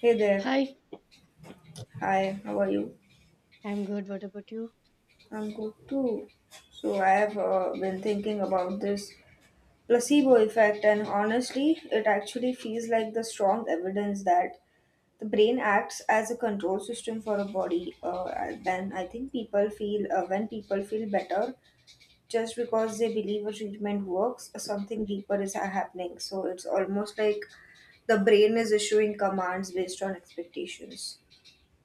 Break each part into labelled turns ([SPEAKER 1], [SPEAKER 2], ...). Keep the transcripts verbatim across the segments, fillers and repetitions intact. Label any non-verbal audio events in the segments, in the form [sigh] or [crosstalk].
[SPEAKER 1] Hey there.
[SPEAKER 2] Hi,
[SPEAKER 1] Hi, how are you?
[SPEAKER 2] I'm good. What about you?
[SPEAKER 1] I'm good too. So, I have uh, been thinking about this placebo effect, and honestly, it actually feels like the strong evidence that the brain acts as a control system for a body. Uh, and then I think people feel uh, when people feel better just because they believe a treatment works, uh, something deeper is happening. So, it's almost like the brain is issuing commands based on expectations.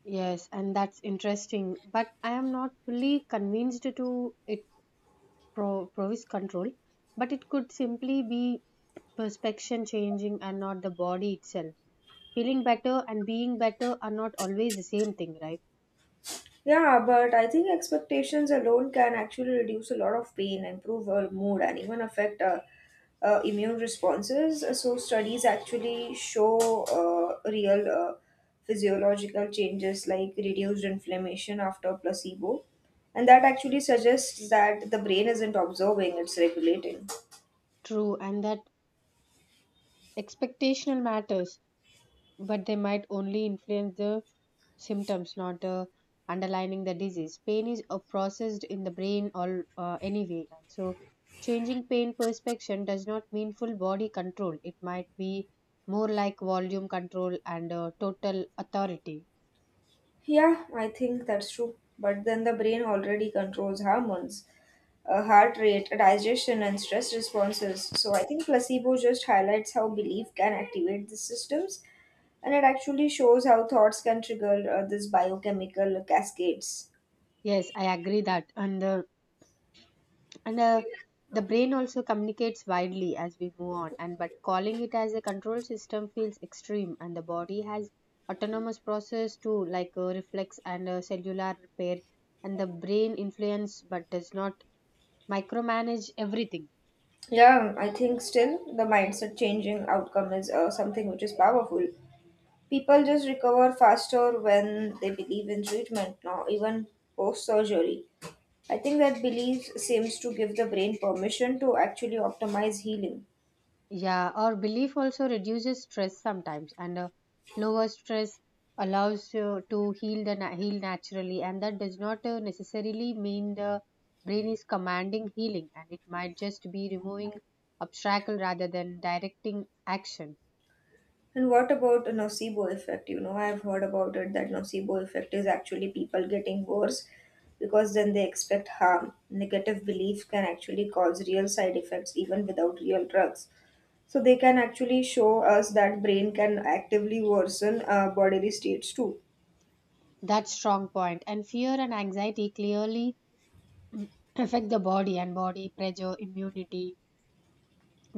[SPEAKER 2] Yes, and that's interesting, but I am not fully convinced to it pro- provis control, but it could simply be perception changing and not the body itself. Feeling better and being better are not always the same thing, right?
[SPEAKER 1] Yeah, but I think expectations alone can actually reduce a lot of pain, improve our mood, and even affect uh, uh, immune responses. So, studies actually show uh, real uh, physiological changes like reduced inflammation after placebo. And that actually suggests that the brain isn't observing, it's regulating.
[SPEAKER 2] True, and that expectational matters, but they might only influence the symptoms, not the underlining the disease. Pain is uh, processed in the brain all uh, anyway, and so changing pain perception does not mean full body control. It might be more like volume control and uh, total authority.
[SPEAKER 1] Yeah, I think that's true. But then the brain already controls hormones, uh, heart rate, digestion, and stress responses. So I think placebo just highlights how belief can activate the systems, and it actually shows how thoughts can trigger uh, this biochemical cascades.
[SPEAKER 2] Yes, I agree that, and uh, and uh, the brain also communicates widely as we move on. And but calling it as a control system feels extreme, and the body has autonomous process too, like uh, reflex and uh, cellular repair, and the brain influence but does not micromanage everything.
[SPEAKER 1] Yeah, I think still the mindset changing outcome is uh, something which is powerful. People just recover faster when they believe in treatment now, even post surgery. I think that belief seems to give the brain permission to actually optimize healing.
[SPEAKER 2] Yeah, our belief also reduces stress sometimes, and uh, lower stress allows you to heal the na- heal naturally, and that does not uh, necessarily mean the brain is commanding healing, and it might just be removing obstacle rather than directing action.
[SPEAKER 1] And what about a nocebo effect? You know, I've heard about it that nocebo effect is actually people getting worse because then they expect harm. Negative belief can actually cause real side effects even without real drugs. So they can actually show us that brain can actively worsen uh, bodily states too.
[SPEAKER 2] That's strong point. And fear and anxiety clearly [clears throat] mm, affect the body and body pressure, immunity,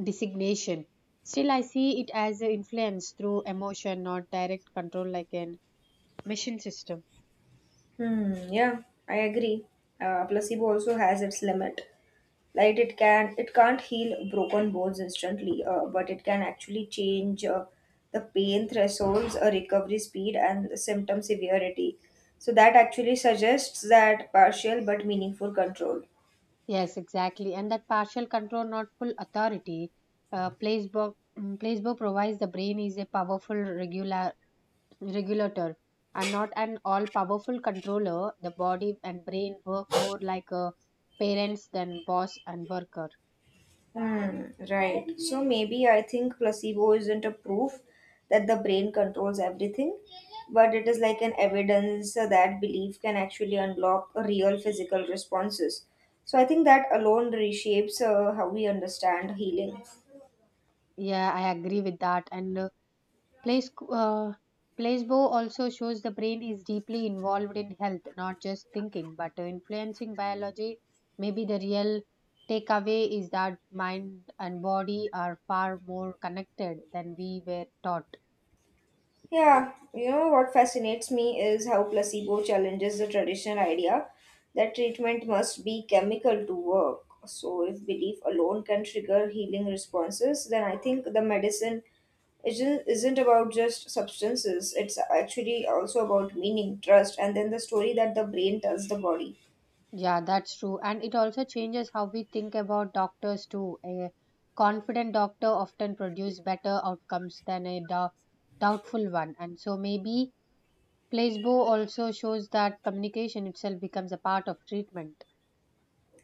[SPEAKER 2] designation. Still, I see it as an influence through emotion, not direct control like an mission system.
[SPEAKER 1] Hmm, yeah, I agree. Uh, placebo also has its limit. Like it can, it can't heal broken bones instantly, uh, but it can actually change uh, the pain thresholds, uh, recovery speed, and the symptom severity. So that actually suggests that partial but meaningful control.
[SPEAKER 2] Yes, exactly. And that partial control, not full authority, uh, placebo, mm, placebo provides the brain is a powerful regular, regulator and not an all powerful controller. The body and brain work more like a parents than boss and worker.
[SPEAKER 1] Hmm, right. So maybe I think placebo isn't a proof that the brain controls everything, but it is like an evidence that belief can actually unlock real physical responses. So I think that alone reshapes uh, how we understand healing.
[SPEAKER 2] Yeah, I agree with that. And uh, Place, uh, placebo also shows the brain is deeply involved in health, not just thinking, but influencing biology. Maybe the real takeaway is that mind and body are far more connected than we were taught.
[SPEAKER 1] Yeah, you know what fascinates me is how placebo challenges the traditional idea that treatment must be chemical to work. So, if belief alone can trigger healing responses, then I think the medicine isn't, isn't about just substances, it's actually also about meaning, trust, and then the story that the brain tells the body.
[SPEAKER 2] Yeah, that's true. And it also changes how we think about doctors too. A confident doctor often produces better outcomes than a dou- doubtful one. And so maybe placebo also shows that communication itself becomes a part of treatment.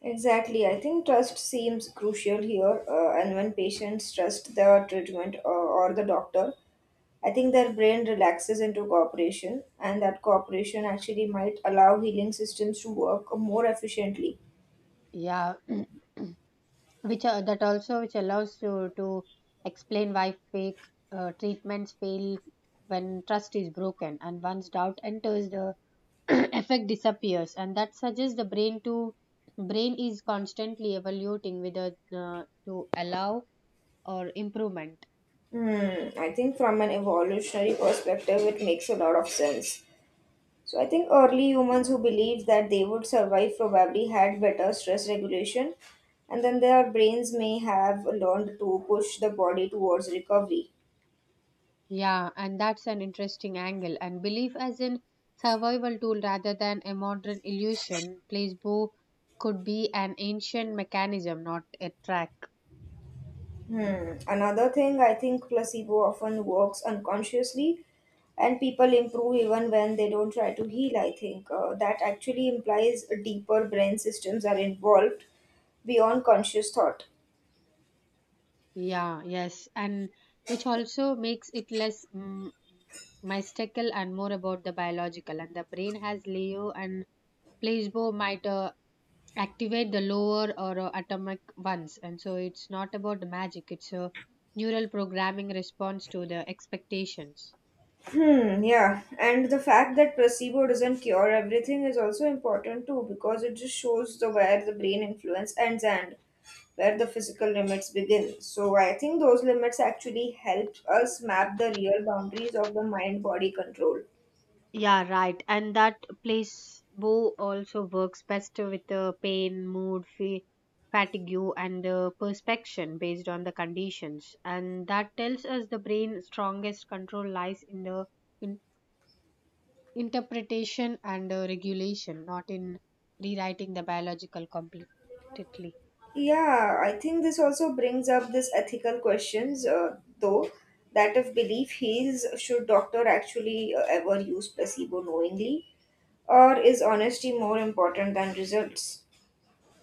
[SPEAKER 1] Exactly. I think trust seems crucial here, uh, and when patients trust the treatment uh, or the doctor, I think their brain relaxes into cooperation, and that cooperation actually might allow healing systems to work more efficiently.
[SPEAKER 2] Yeah, [clears throat] which uh, that also which allows you to explain why fake uh, treatments fail when trust is broken, and once doubt enters the [clears throat] effect disappears, and that suggests the brain to brain is constantly evaluating whether uh, to allow or improvement.
[SPEAKER 1] Hmm, I think from an evolutionary perspective, it makes a lot of sense. So I think early humans who believed that they would survive probably had better stress regulation, and then their brains may have learned to push the body towards recovery.
[SPEAKER 2] Yeah, and that's an interesting angle, and belief as in survival tool rather than a modern illusion. Placebo could be an ancient mechanism, not a track.
[SPEAKER 1] Hmm. Another thing, I think placebo often works unconsciously, and people improve even when they don't try to heal. I think uh, that actually implies deeper brain systems are involved beyond conscious thought.
[SPEAKER 2] Yeah, yes, and which also makes it less mm, mystical and more about the biological. And the brain has Leo, and placebo might uh, activate the lower or uh, atomic ones, and so it's not about magic. It's a neural programming response to the expectations.
[SPEAKER 1] Hmm, yeah. And the fact that placebo doesn't cure everything is also important too because it just shows the where the brain influence ends and where the physical limits begin. So I think those limits actually help us map the real boundaries of the mind body control.
[SPEAKER 2] Yeah, right. And that placebo also works best with the pain, mood, fa- fatigue, and the perspection based on the conditions. And that tells us the brain's strongest control lies in the in- interpretation and uh, regulation, not in rewriting the biological completely.
[SPEAKER 1] Yeah, I think this also brings up this ethical questions, uh, though, that if belief heals, should doctor actually uh, ever use placebo knowingly, or is honesty more important than results?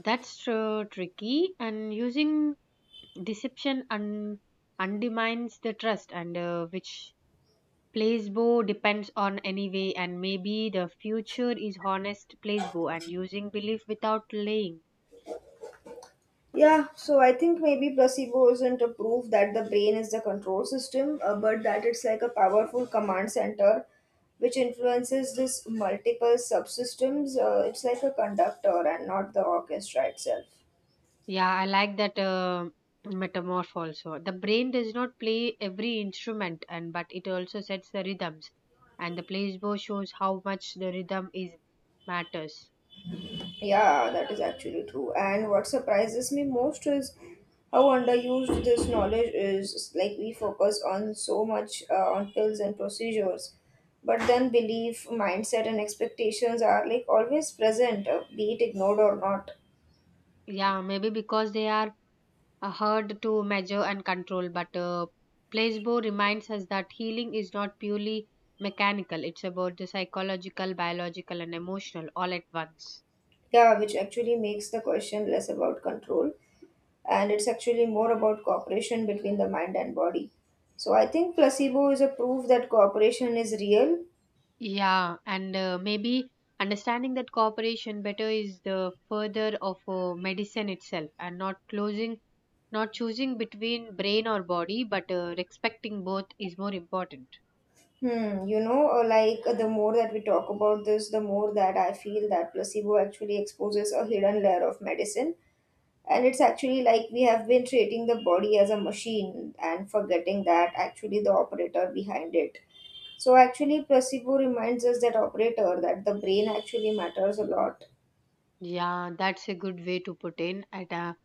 [SPEAKER 2] That's uh, tricky. And using deception un- undermines the trust, and uh, which placebo depends on anyway. And maybe the future is honest placebo and using belief without lying.
[SPEAKER 1] Yeah, so I think maybe placebo isn't a proof that the brain is the control system, uh, but that it's like a powerful command center which influences this multiple subsystems. Uh, it's like a conductor and not the orchestra itself.
[SPEAKER 2] Yeah, I like that uh, metamorph. Also, the brain does not play every instrument, and but it also sets the rhythms, and the placebo shows how much the rhythm is matters.
[SPEAKER 1] Yeah, that is actually true. And what surprises me most is how underused this knowledge is. Like we focus on so much uh, on pills and procedures, but then belief, mindset, and expectations are like always present, uh, be it ignored or not.
[SPEAKER 2] Yeah, maybe because they are uh, hard to measure and control, but uh, placebo reminds us that healing is not purely mechanical. It's about the psychological, biological, and emotional all at once.
[SPEAKER 1] Yeah, which actually makes the question less about control, and it's actually more about cooperation between the mind and body. So I think placebo is a proof that cooperation is real.
[SPEAKER 2] Yeah, and uh, maybe understanding that cooperation better is the further of uh, medicine itself and not closing. Not choosing between brain or body, but uh, respecting both is more important.
[SPEAKER 1] Hmm, you know, uh, like uh, the more that we talk about this, the more that I feel that placebo actually exposes a hidden layer of medicine. And it's actually like we have been treating the body as a machine and forgetting that actually the operator behind it. So actually placebo reminds us that operator that the brain actually matters a lot.
[SPEAKER 2] Yeah, that's a good way to put in at a,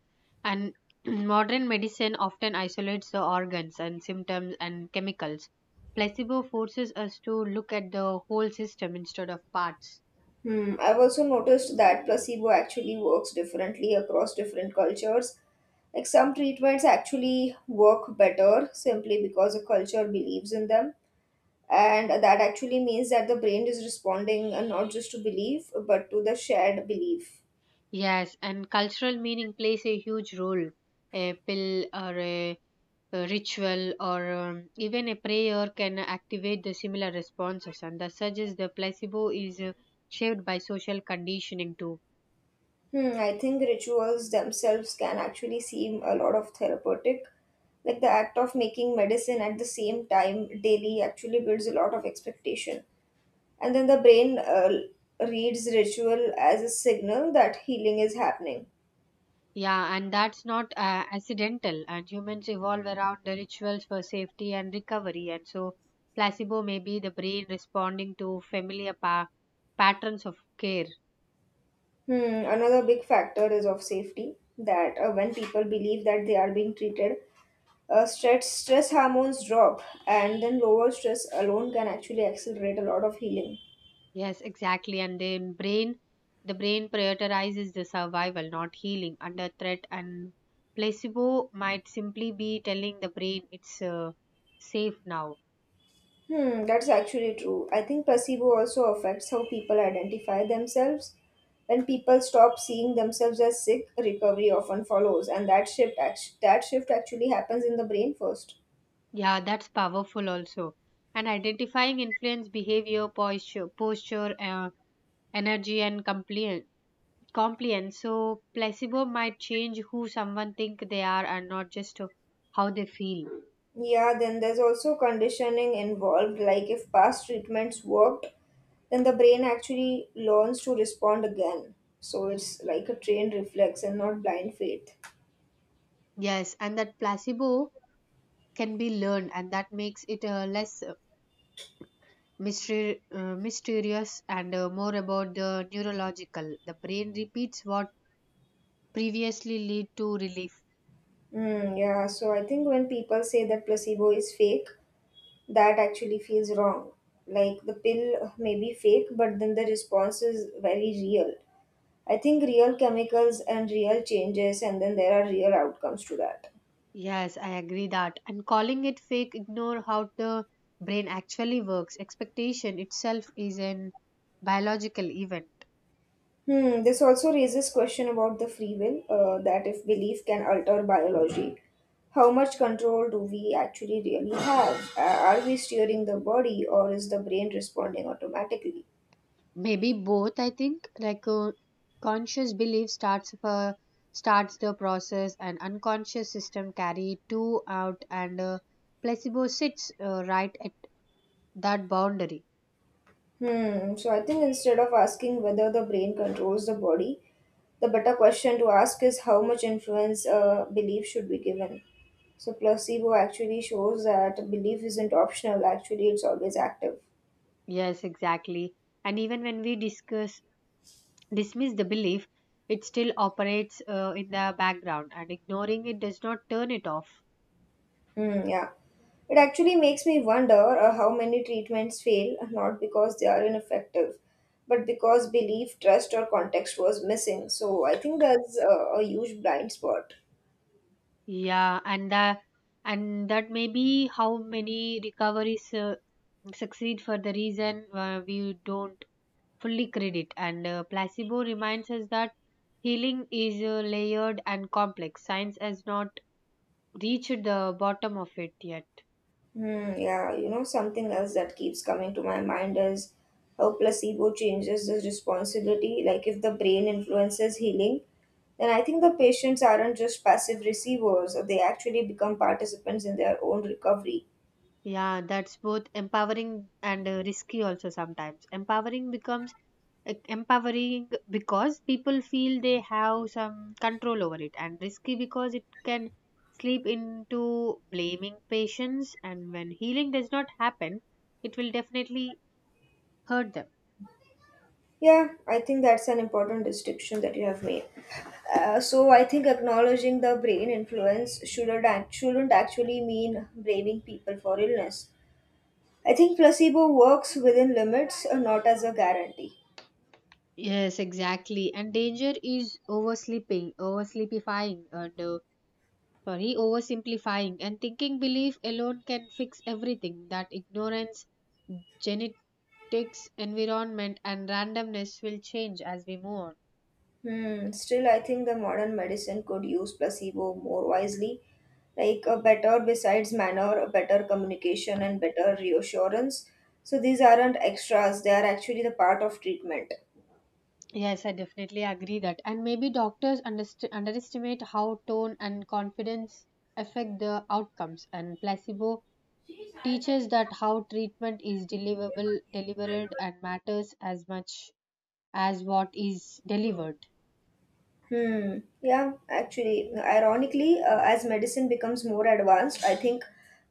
[SPEAKER 2] and [clears throat] modern medicine often isolates the organs and symptoms and chemicals. Placebo forces us to look at the whole system instead of parts.
[SPEAKER 1] Hmm, I've also noticed that placebo actually works differently across different cultures, like some treatments actually work better simply because a culture believes in them, and that actually means that the brain is responding uh, not just to belief but to the shared belief.
[SPEAKER 2] Yes, and cultural meaning plays a huge role. A pill or a, a ritual or um, even a prayer can activate the similar responses, and thus suggests the placebo is uh, shaped by social conditioning too.
[SPEAKER 1] Hmm, I think rituals themselves can actually seem a lot of therapeutic, like the act of making medicine at the same time daily actually builds a lot of expectation, and then the brain uh, reads ritual as a signal that healing is happening.
[SPEAKER 2] Yeah, and that's not uh, accidental. And humans evolve around the rituals for safety and recovery. And so, placebo may be the brain responding to familiar pa- patterns of care.
[SPEAKER 1] Hmm, another big factor is of safety that uh, when people believe that they are being treated, uh, stress stress hormones drop, and then lower stress alone can actually accelerate a lot of healing.
[SPEAKER 2] Yes, exactly. And then brain, the brain prioritizes the survival, not healing, under threat. And placebo might simply be telling the brain it's uh, safe now.
[SPEAKER 1] Hmm, that's actually true. I think placebo also affects how people identify themselves. When people stop seeing themselves as sick, recovery often follows, and that shift act- that shift actually happens in the brain first.
[SPEAKER 2] Yeah, that's powerful also. And identifying influence behavior, posture, posture. Uh, energy and compli- compliance, so placebo might change who someone think they are and not just how they feel.
[SPEAKER 1] Yeah, then there's also conditioning involved. Like if past treatments worked, then the brain actually learns to respond again. So it's like a trained reflex and not blind faith.
[SPEAKER 2] Yes, and that placebo can be learned, and that makes it uh, less uh, mystery, uh, mysterious and uh, more about the neurological. The brain repeats what previously lead to relief.
[SPEAKER 1] Mm, yeah, so I think when people say that placebo is fake, that actually feels wrong. Like the pill may be fake, but then the response is very real. I think real chemicals and real changes, and then there are real outcomes to that.
[SPEAKER 2] Yes, I agree that, and calling it fake ignore how the brain actually works. Expectation itself is an biological event.
[SPEAKER 1] Hmm, this also raises question about the free will, uh, that if belief can alter biology, how much control do we actually really have? Uh, are we steering the body or is the brain responding automatically?
[SPEAKER 2] Maybe both, I think. Like uh, conscious belief starts uh, starts the process, and unconscious system carry two out, and uh, placebo sits uh, right at that boundary.
[SPEAKER 1] Hmm. So I think instead of asking whether the brain controls the body, the better question to ask is how much influence a belief should be given. So placebo actually shows that belief isn't optional. Actually, it's always active.
[SPEAKER 2] Yes, exactly. And even when we discuss dismiss the belief, it still operates uh, in the background, and ignoring it does not turn it off.
[SPEAKER 1] Hmm. Yeah. It actually makes me wonder uh, how many treatments fail not because they are ineffective, but because belief, trust, or context was missing. So I think that's uh, a huge blind spot.
[SPEAKER 2] Yeah, and the and that may be how many recoveries uh, succeed for the reason uh, we don't fully credit. And uh, placebo reminds us that healing is uh, layered and complex. Science has not reached the bottom of it yet.
[SPEAKER 1] Hmm, yeah, you know, something else that keeps coming to my mind is how placebo changes the responsibility. Like, if the brain influences healing, then I think the patients aren't just passive receivers, they actually become participants in their own recovery.
[SPEAKER 2] Yeah, that's both empowering and uh, risky also sometimes. Empowering becomes uh, empowering because people feel they have some control over it, and risky because it can slip into blaming patients. And when healing does not happen, it will definitely hurt them.
[SPEAKER 1] Yeah, I think that's an important distinction that you have made. Uh, so I think acknowledging the brain influence shouldn't act, shouldn't actually mean blaming people for illness. I think placebo works within limits, uh, not as a guarantee.
[SPEAKER 2] Yes, exactly. And danger is oversleeping, oversleepifying, and uh, sorry, oversimplifying, and thinking belief alone can fix everything. That ignorance, genetics, environment, and randomness will change as we move on.
[SPEAKER 1] Hmm. Still, I think the modern medicine could use placebo more wisely, like a better besides manner, a better communication, and better reassurance. So these aren't extras; they are actually the part of treatment.
[SPEAKER 2] Yes, I definitely agree that. And maybe doctors underst- underestimate how tone and confidence affect the outcomes, and placebo teaches that how treatment is deliverable, delivered, and matters as much as what is delivered.
[SPEAKER 1] Hmm. Yeah, actually, ironically, uh, as medicine becomes more advanced, I think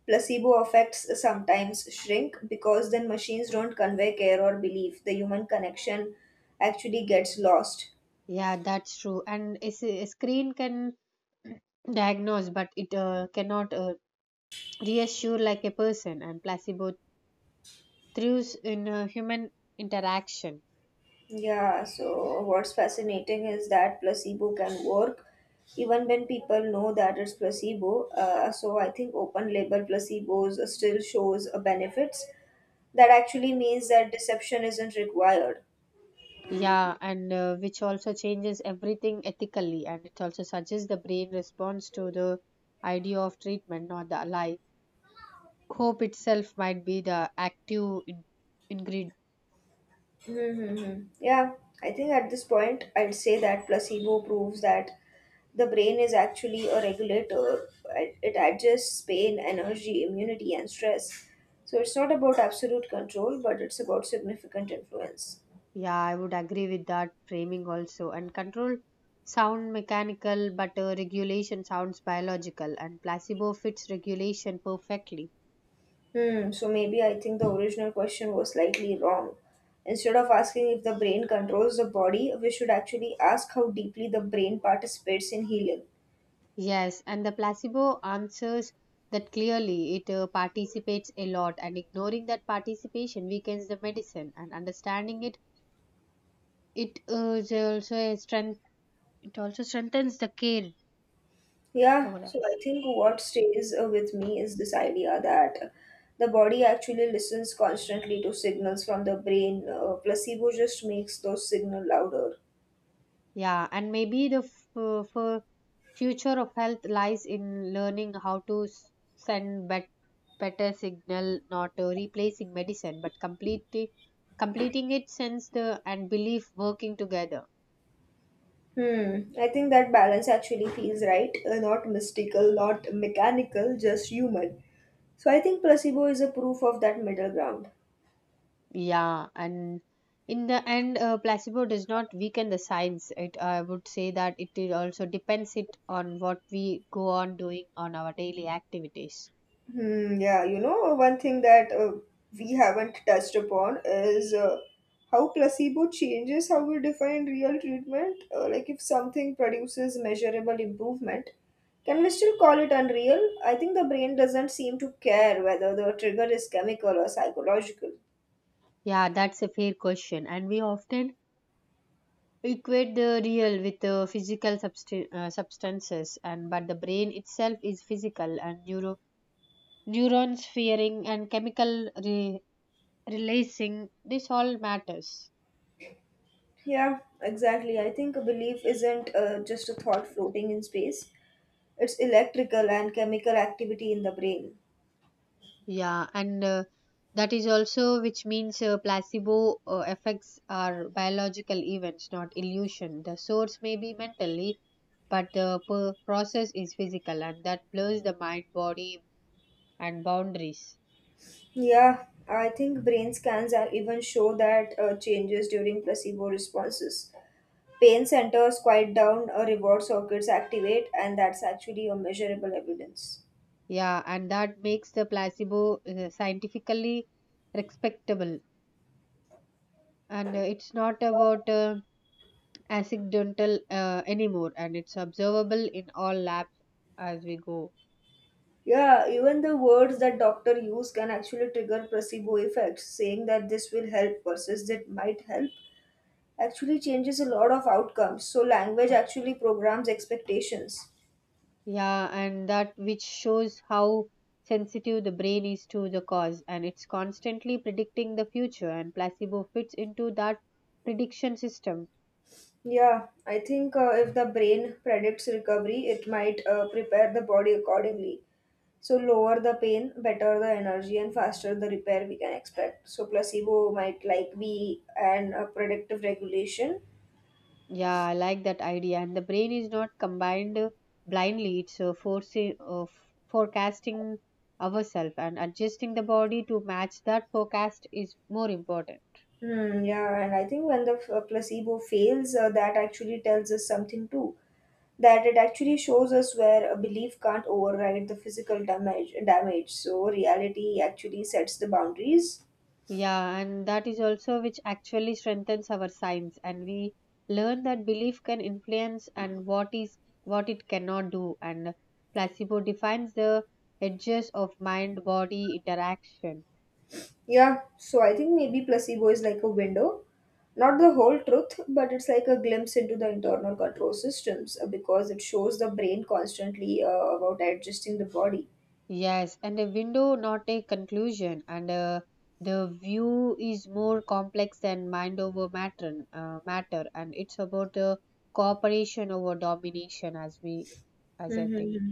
[SPEAKER 1] placebo effects sometimes shrink because then machines don't convey care or belief. The human connection actually gets lost.
[SPEAKER 2] Yeah, that's true. And a, s- a screen can diagnose, but it uh, cannot uh, reassure like a person. And placebo thrives in uh, human interaction.
[SPEAKER 1] Yeah, so what's fascinating is that placebo can work even when people know that it's placebo. Uh, so I think open label placebos still shows a benefits. That actually means that deception isn't required.
[SPEAKER 2] Yeah, and uh, which also changes everything ethically. And it also suggests the brain responds to the idea of treatment, not the lie. Hope itself might be the active in- ingredient.
[SPEAKER 1] Mm-hmm. Yeah, I think at this point I'd say that placebo proves that the brain is actually a regulator. It it adjusts pain, energy, immunity, and stress. So it's not about absolute control, but it's about significant influence.
[SPEAKER 2] Yeah, I would agree with that framing also. And control sound mechanical, but uh, regulation sounds biological, and placebo fits regulation perfectly.
[SPEAKER 1] Hmm, so maybe I think the original question was slightly wrong. Instead of asking if the brain controls the body, we should actually ask how deeply the brain participates in healing.
[SPEAKER 2] Yes, and the placebo answers that clearly. It uh, participates a lot, and ignoring that participation weakens the medicine. And understanding it, it uh, is also a strength. It also strengthens the care
[SPEAKER 1] Yeah,
[SPEAKER 2] over
[SPEAKER 1] so
[SPEAKER 2] us.
[SPEAKER 1] I think what stays uh, with me is this idea that the body actually listens constantly to signals from the brain. Uh, placebo just makes those signals louder.
[SPEAKER 2] Yeah, and maybe the f- uh, for future of health lies in learning how to s- send bet- better signal, not uh, replacing medicine, but completely completing it since the and belief working together.
[SPEAKER 1] Hmm. I think that balance actually feels right. Uh, not mystical, not mechanical, just human. So I think placebo is a proof of that middle ground.
[SPEAKER 2] Yeah, and in the end, uh, placebo does not weaken the science. It I would say that it is also depends it on what we go on doing on our daily activities.
[SPEAKER 1] Hmm. Yeah. You know, one thing that uh, we haven't touched upon is uh, how placebo changes how we define real treatment. Uh, like if something produces measurable improvement, can we still call it unreal? I think the brain doesn't seem to care whether the trigger is chemical or psychological.
[SPEAKER 2] Yeah, that's a fair question, and we often equate the real with the physical subst- uh, substances, and but the brain itself is physical, and neuro- neurons firing and chemical re- releasing this all matters.
[SPEAKER 1] Yeah, exactly. I think a belief isn't uh, just a thought floating in space, it's electrical and chemical activity in the brain.
[SPEAKER 2] Yeah, and uh, that is also which means uh, placebo uh, effects are biological events, not illusion. The source may be mentally, but the per- process is physical, and that blurs the mind body and boundaries.
[SPEAKER 1] Yeah, I think brain scans are even show that uh, changes during placebo responses. Pain centers quiet down, uh, reward circuits activate, and that's actually a measurable evidence.
[SPEAKER 2] Yeah, and that makes the placebo uh, scientifically respectable. And uh, it's not about uh, accidental uh, anymore, and it's observable in all labs as we go.
[SPEAKER 1] Yeah, even the words that doctor use can actually trigger placebo effects, saying that this will help versus it might help actually changes a lot of outcomes. So, language actually programs expectations.
[SPEAKER 2] Yeah, and that which shows how sensitive the brain is to the cause, and it's constantly predicting the future, and placebo fits into that prediction system.
[SPEAKER 1] Yeah, I think uh, if the brain predicts recovery, it might uh, prepare the body accordingly. So, lower the pain, better the energy, and faster the repair we can expect. So, placebo might like be an uh, predictive regulation.
[SPEAKER 2] Yeah, I like that idea. And the brain is not combined uh, blindly. It's uh, forcing, uh, f- forecasting ourselves, and adjusting the body to match that forecast is more important.
[SPEAKER 1] Hmm, yeah, and I think when the uh, placebo fails, uh, that actually tells us something too. That it actually shows us where a belief can't override the physical damage damage. So reality actually sets the boundaries.
[SPEAKER 2] Yeah, and that is also which actually strengthens our science. And we learn that belief can influence and what is what it cannot do. And placebo defines the edges of mind body interaction.
[SPEAKER 1] Yeah, so I think maybe placebo is like a window, not the whole truth, but it's like a glimpse into the internal control systems, uh, because it shows the brain constantly uh, about adjusting the body.
[SPEAKER 2] Yes, and a window, not a conclusion. And uh, the view is more complex than mind over matter, uh, matter, and it's about the cooperation over domination, as we, as I think.
[SPEAKER 1] Hmm,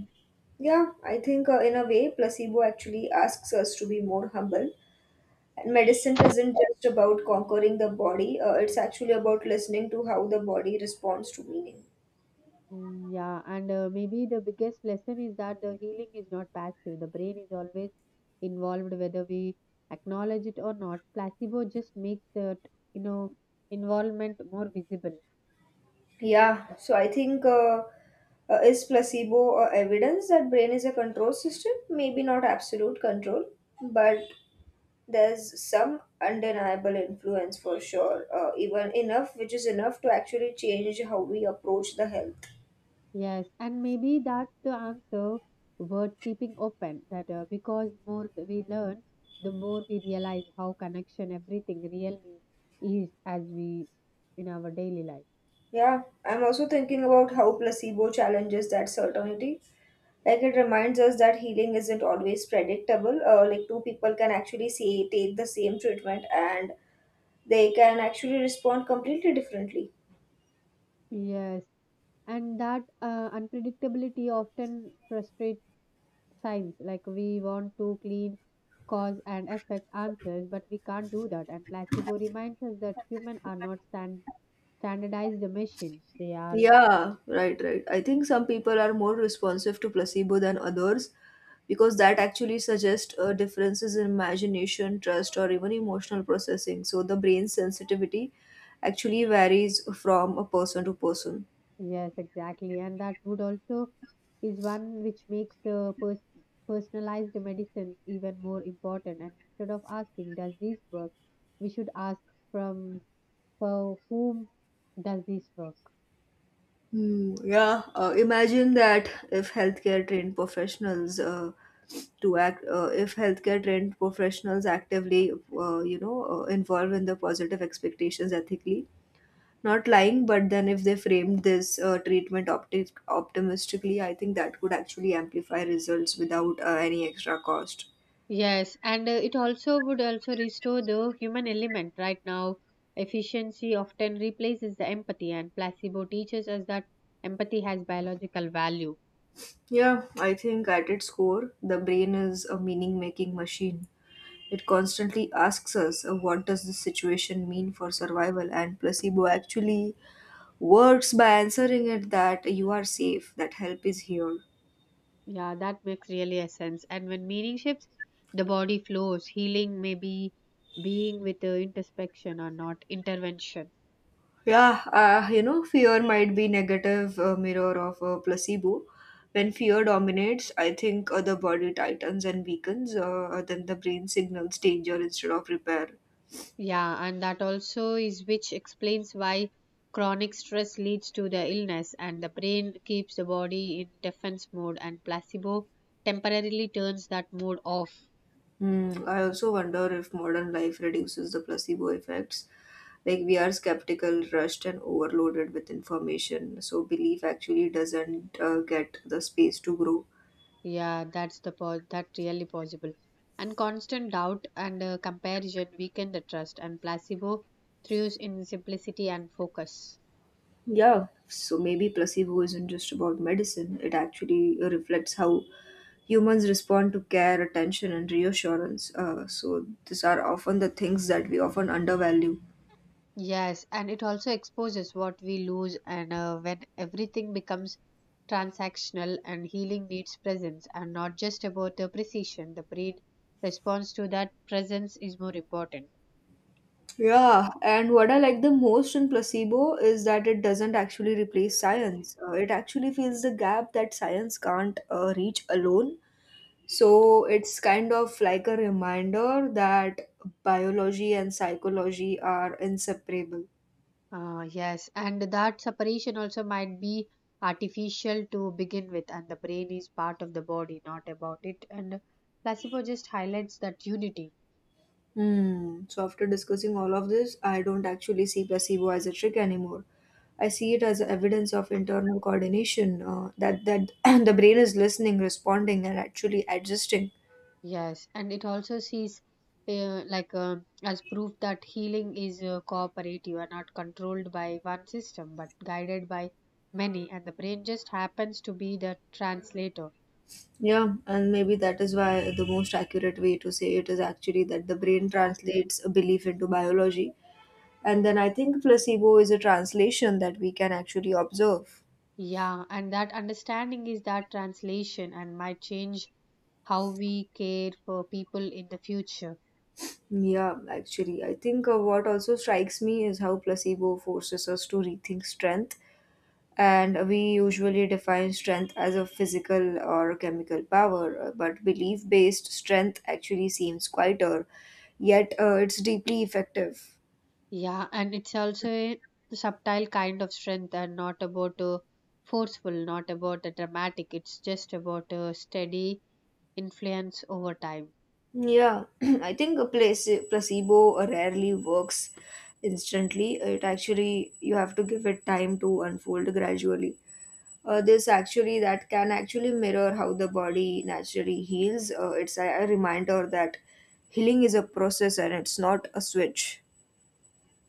[SPEAKER 1] yeah, I think uh, in a way placebo actually asks us to be more humble. And medicine isn't just about conquering the body, uh, it's actually about listening to how the body responds to meaning.
[SPEAKER 2] Mm, yeah, and uh, maybe the biggest lesson is that the healing is not passive. The brain is always involved, whether we acknowledge it or not. Placebo just makes that you know involvement more visible.
[SPEAKER 1] Yeah, so I think uh, uh, is placebo uh, evidence that brain is a control system? Maybe not absolute control, but there's some undeniable influence for sure. Uh, even enough, which is enough to actually change how we approach the health.
[SPEAKER 2] Yes, and maybe that's the answer worth keeping open, that uh, because more th- we learn, the more we realize how connection everything really is as we in our daily life.
[SPEAKER 1] Yeah, I'm also thinking about how placebo challenges that certainty. Like it reminds us that healing isn't always predictable. Uh, like two people can actually say take the same treatment and they can actually respond completely differently.
[SPEAKER 2] Yes, and that uh, unpredictability often frustrates science. Like we want to clean cause and effect answers, but we can't do that. And placebo reminds us that humans are not stand standardized machines; they are.
[SPEAKER 1] Yeah, right, right. I think some people are more responsive to placebo than others because that actually suggests uh, differences in imagination, trust, or even emotional processing. So the brain's sensitivity actually varies from a person to person.
[SPEAKER 2] Yes, exactly. And that would also is one which makes the pers- personalized medicine even more important. And instead of asking, does this work? We should ask from for whom does this work?
[SPEAKER 1] Hmm, yeah, uh, imagine that if healthcare trained professionals uh, to act, uh, if healthcare trained professionals actively, uh, you know, uh, involve in the positive expectations ethically, not lying, but then if they framed this uh, treatment opti- optimistically, I think that could actually amplify results without uh, any extra cost.
[SPEAKER 2] Yes, and uh, it also would also restore the human element. Right now, efficiency often replaces the empathy, and placebo teaches us that empathy has biological value.
[SPEAKER 1] Yeah, I think at its core, the brain is a meaning making machine. It constantly asks us uh, what does this situation mean for survival, and placebo actually works by answering it that you are safe, that help is here.
[SPEAKER 2] Yeah, that makes really a sense. And when meaning shifts, the body flows. Healing may be being with the introspection or not intervention.
[SPEAKER 1] Yeah, uh, you know, fear might be negative uh, mirror of a placebo. When fear dominates, I think uh, the body tightens and weakens, uh, then the brain signals danger instead of repair.
[SPEAKER 2] Yeah, and that also is which explains why chronic stress leads to the illness, and the brain keeps the body in defense mode, and placebo temporarily turns that mode off.
[SPEAKER 1] Hmm, I also wonder if modern life reduces the placebo effects. Like we are skeptical, rushed, and overloaded with information, so belief actually doesn't uh, get the space to grow.
[SPEAKER 2] Yeah, that's the po- that really possible. And constant doubt and uh, comparison weaken the trust, and placebo thrives in simplicity and focus.
[SPEAKER 1] Yeah, so maybe placebo isn't just about medicine, it actually reflects how humans respond to care, attention, and reassurance. Uh, so these are often the things that we often undervalue.
[SPEAKER 2] Yes, and it also exposes what we lose, and uh, when everything becomes transactional and healing needs presence and not just about the precision, the brain response to that presence is more important.
[SPEAKER 1] Yeah, and what I like the most in placebo is that it doesn't actually replace science. Uh, it actually fills the gap that science can't uh, reach alone. So it's kind of like a reminder that biology and psychology are inseparable.
[SPEAKER 2] Uh, yes, and that separation also might be artificial to begin with, and the brain is part of the body, not about it. And placebo just highlights that unity.
[SPEAKER 1] Hmm. So after discussing all of this, I don't actually see placebo as a trick anymore. I see it as evidence of internal coordination, uh, that that [clears throat] the brain is listening, responding, and actually adjusting.
[SPEAKER 2] Yes, and it also sees uh, like uh, as proof that healing is uh, cooperative and not controlled by one system but guided by many, and the brain just happens to be the translator.
[SPEAKER 1] Yeah, and maybe that is why the most accurate way to say it is actually that the brain translates a belief into biology. And then I think placebo is a translation that we can actually observe.
[SPEAKER 2] Yeah, and that understanding is that translation and might change how we care for people in the future.
[SPEAKER 1] Yeah, actually, I think uh, what also strikes me is how placebo forces us to rethink strength. And we usually define strength as a physical or chemical power, uh, but belief based strength actually seems quieter, yet, uh, it's deeply effective.
[SPEAKER 2] Yeah, and it's also a subtle kind of strength and not about a forceful, not about a dramatic. It's just about a steady influence over time.
[SPEAKER 1] Yeah, [clears throat] I think a place- placebo rarely works instantly. It actually, you have to give it time to unfold gradually. Uh, this actually, that can actually mirror how the body naturally heals. Uh, it's a, a reminder that healing is a process and it's not a switch.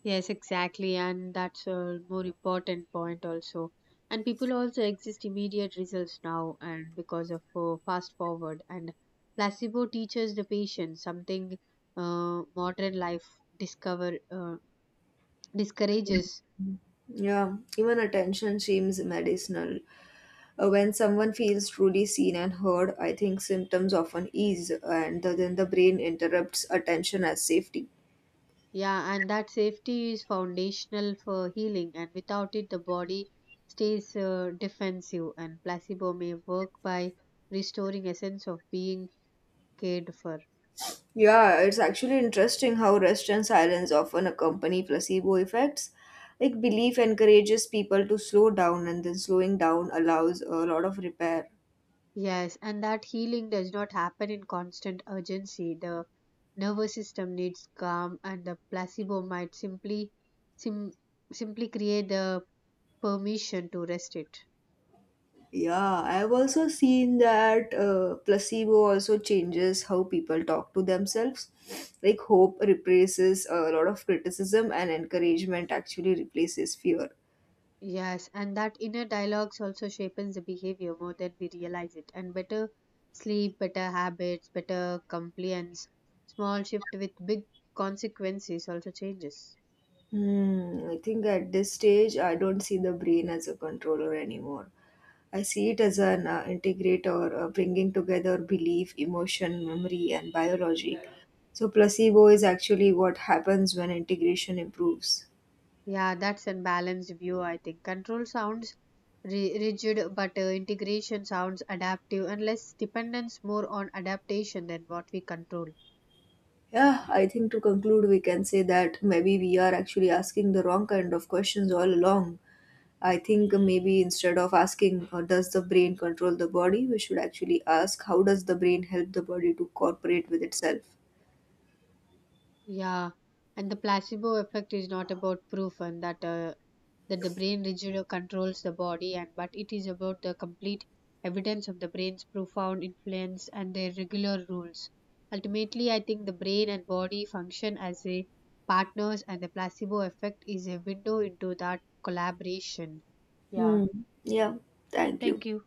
[SPEAKER 2] Yes, exactly, and that's a more important point also. And people also exist immediate results now, and because of uh, fast forward and placebo teaches the patient something uh, modern life discover uh, discourages.
[SPEAKER 1] Yeah, even attention seems medicinal. Uh, when someone feels truly seen and heard, I think symptoms often ease, and the, then the brain interrupts attention as safety.
[SPEAKER 2] Yeah, and that safety is foundational for healing, and without it, the body stays uh, defensive. And placebo may work by restoring a sense of being cared for.
[SPEAKER 1] Yeah, it's actually interesting how rest and silence often accompany placebo effects. Like belief encourages people to slow down, and then slowing down allows a lot of repair.
[SPEAKER 2] Yes, and that healing does not happen in constant urgency. The nervous system needs calm, and the placebo might simply sim- simply create the permission to rest it.
[SPEAKER 1] Yeah, I've also seen that uh, placebo also changes how people talk to themselves. Like hope replaces a lot of criticism, and encouragement actually replaces fear.
[SPEAKER 2] Yes, and that inner dialogues also shapes the behavior more than we realize it. And better sleep, better habits, better compliance, small shift with big consequences also changes.
[SPEAKER 1] Hmm, I think at this stage, I don't see the brain as a controller anymore. I see it as an uh, integrate uh, bringing together belief, emotion, memory, and biology. So, placebo is actually what happens when integration improves.
[SPEAKER 2] Yeah, that's a balanced view, I think. Control sounds ri- rigid, but uh, integration sounds adaptive and less dependence more on adaptation than what we control.
[SPEAKER 1] Yeah, I think to conclude, we can say that maybe we are actually asking the wrong kind of questions all along. I think maybe instead of asking, uh, does the brain control the body, we should actually ask, how does the brain help the body to cooperate with itself?
[SPEAKER 2] Yeah, and the placebo effect is not about proof and that uh, that the brain rigidly controls the body, and but it is about the complete evidence of the brain's profound influence and their regular rules. Ultimately, I think the brain and body function as a partners, and the placebo effect is a window into that collaboration. Yeah,
[SPEAKER 1] Hmm. Yeah, thank you.
[SPEAKER 2] thank you.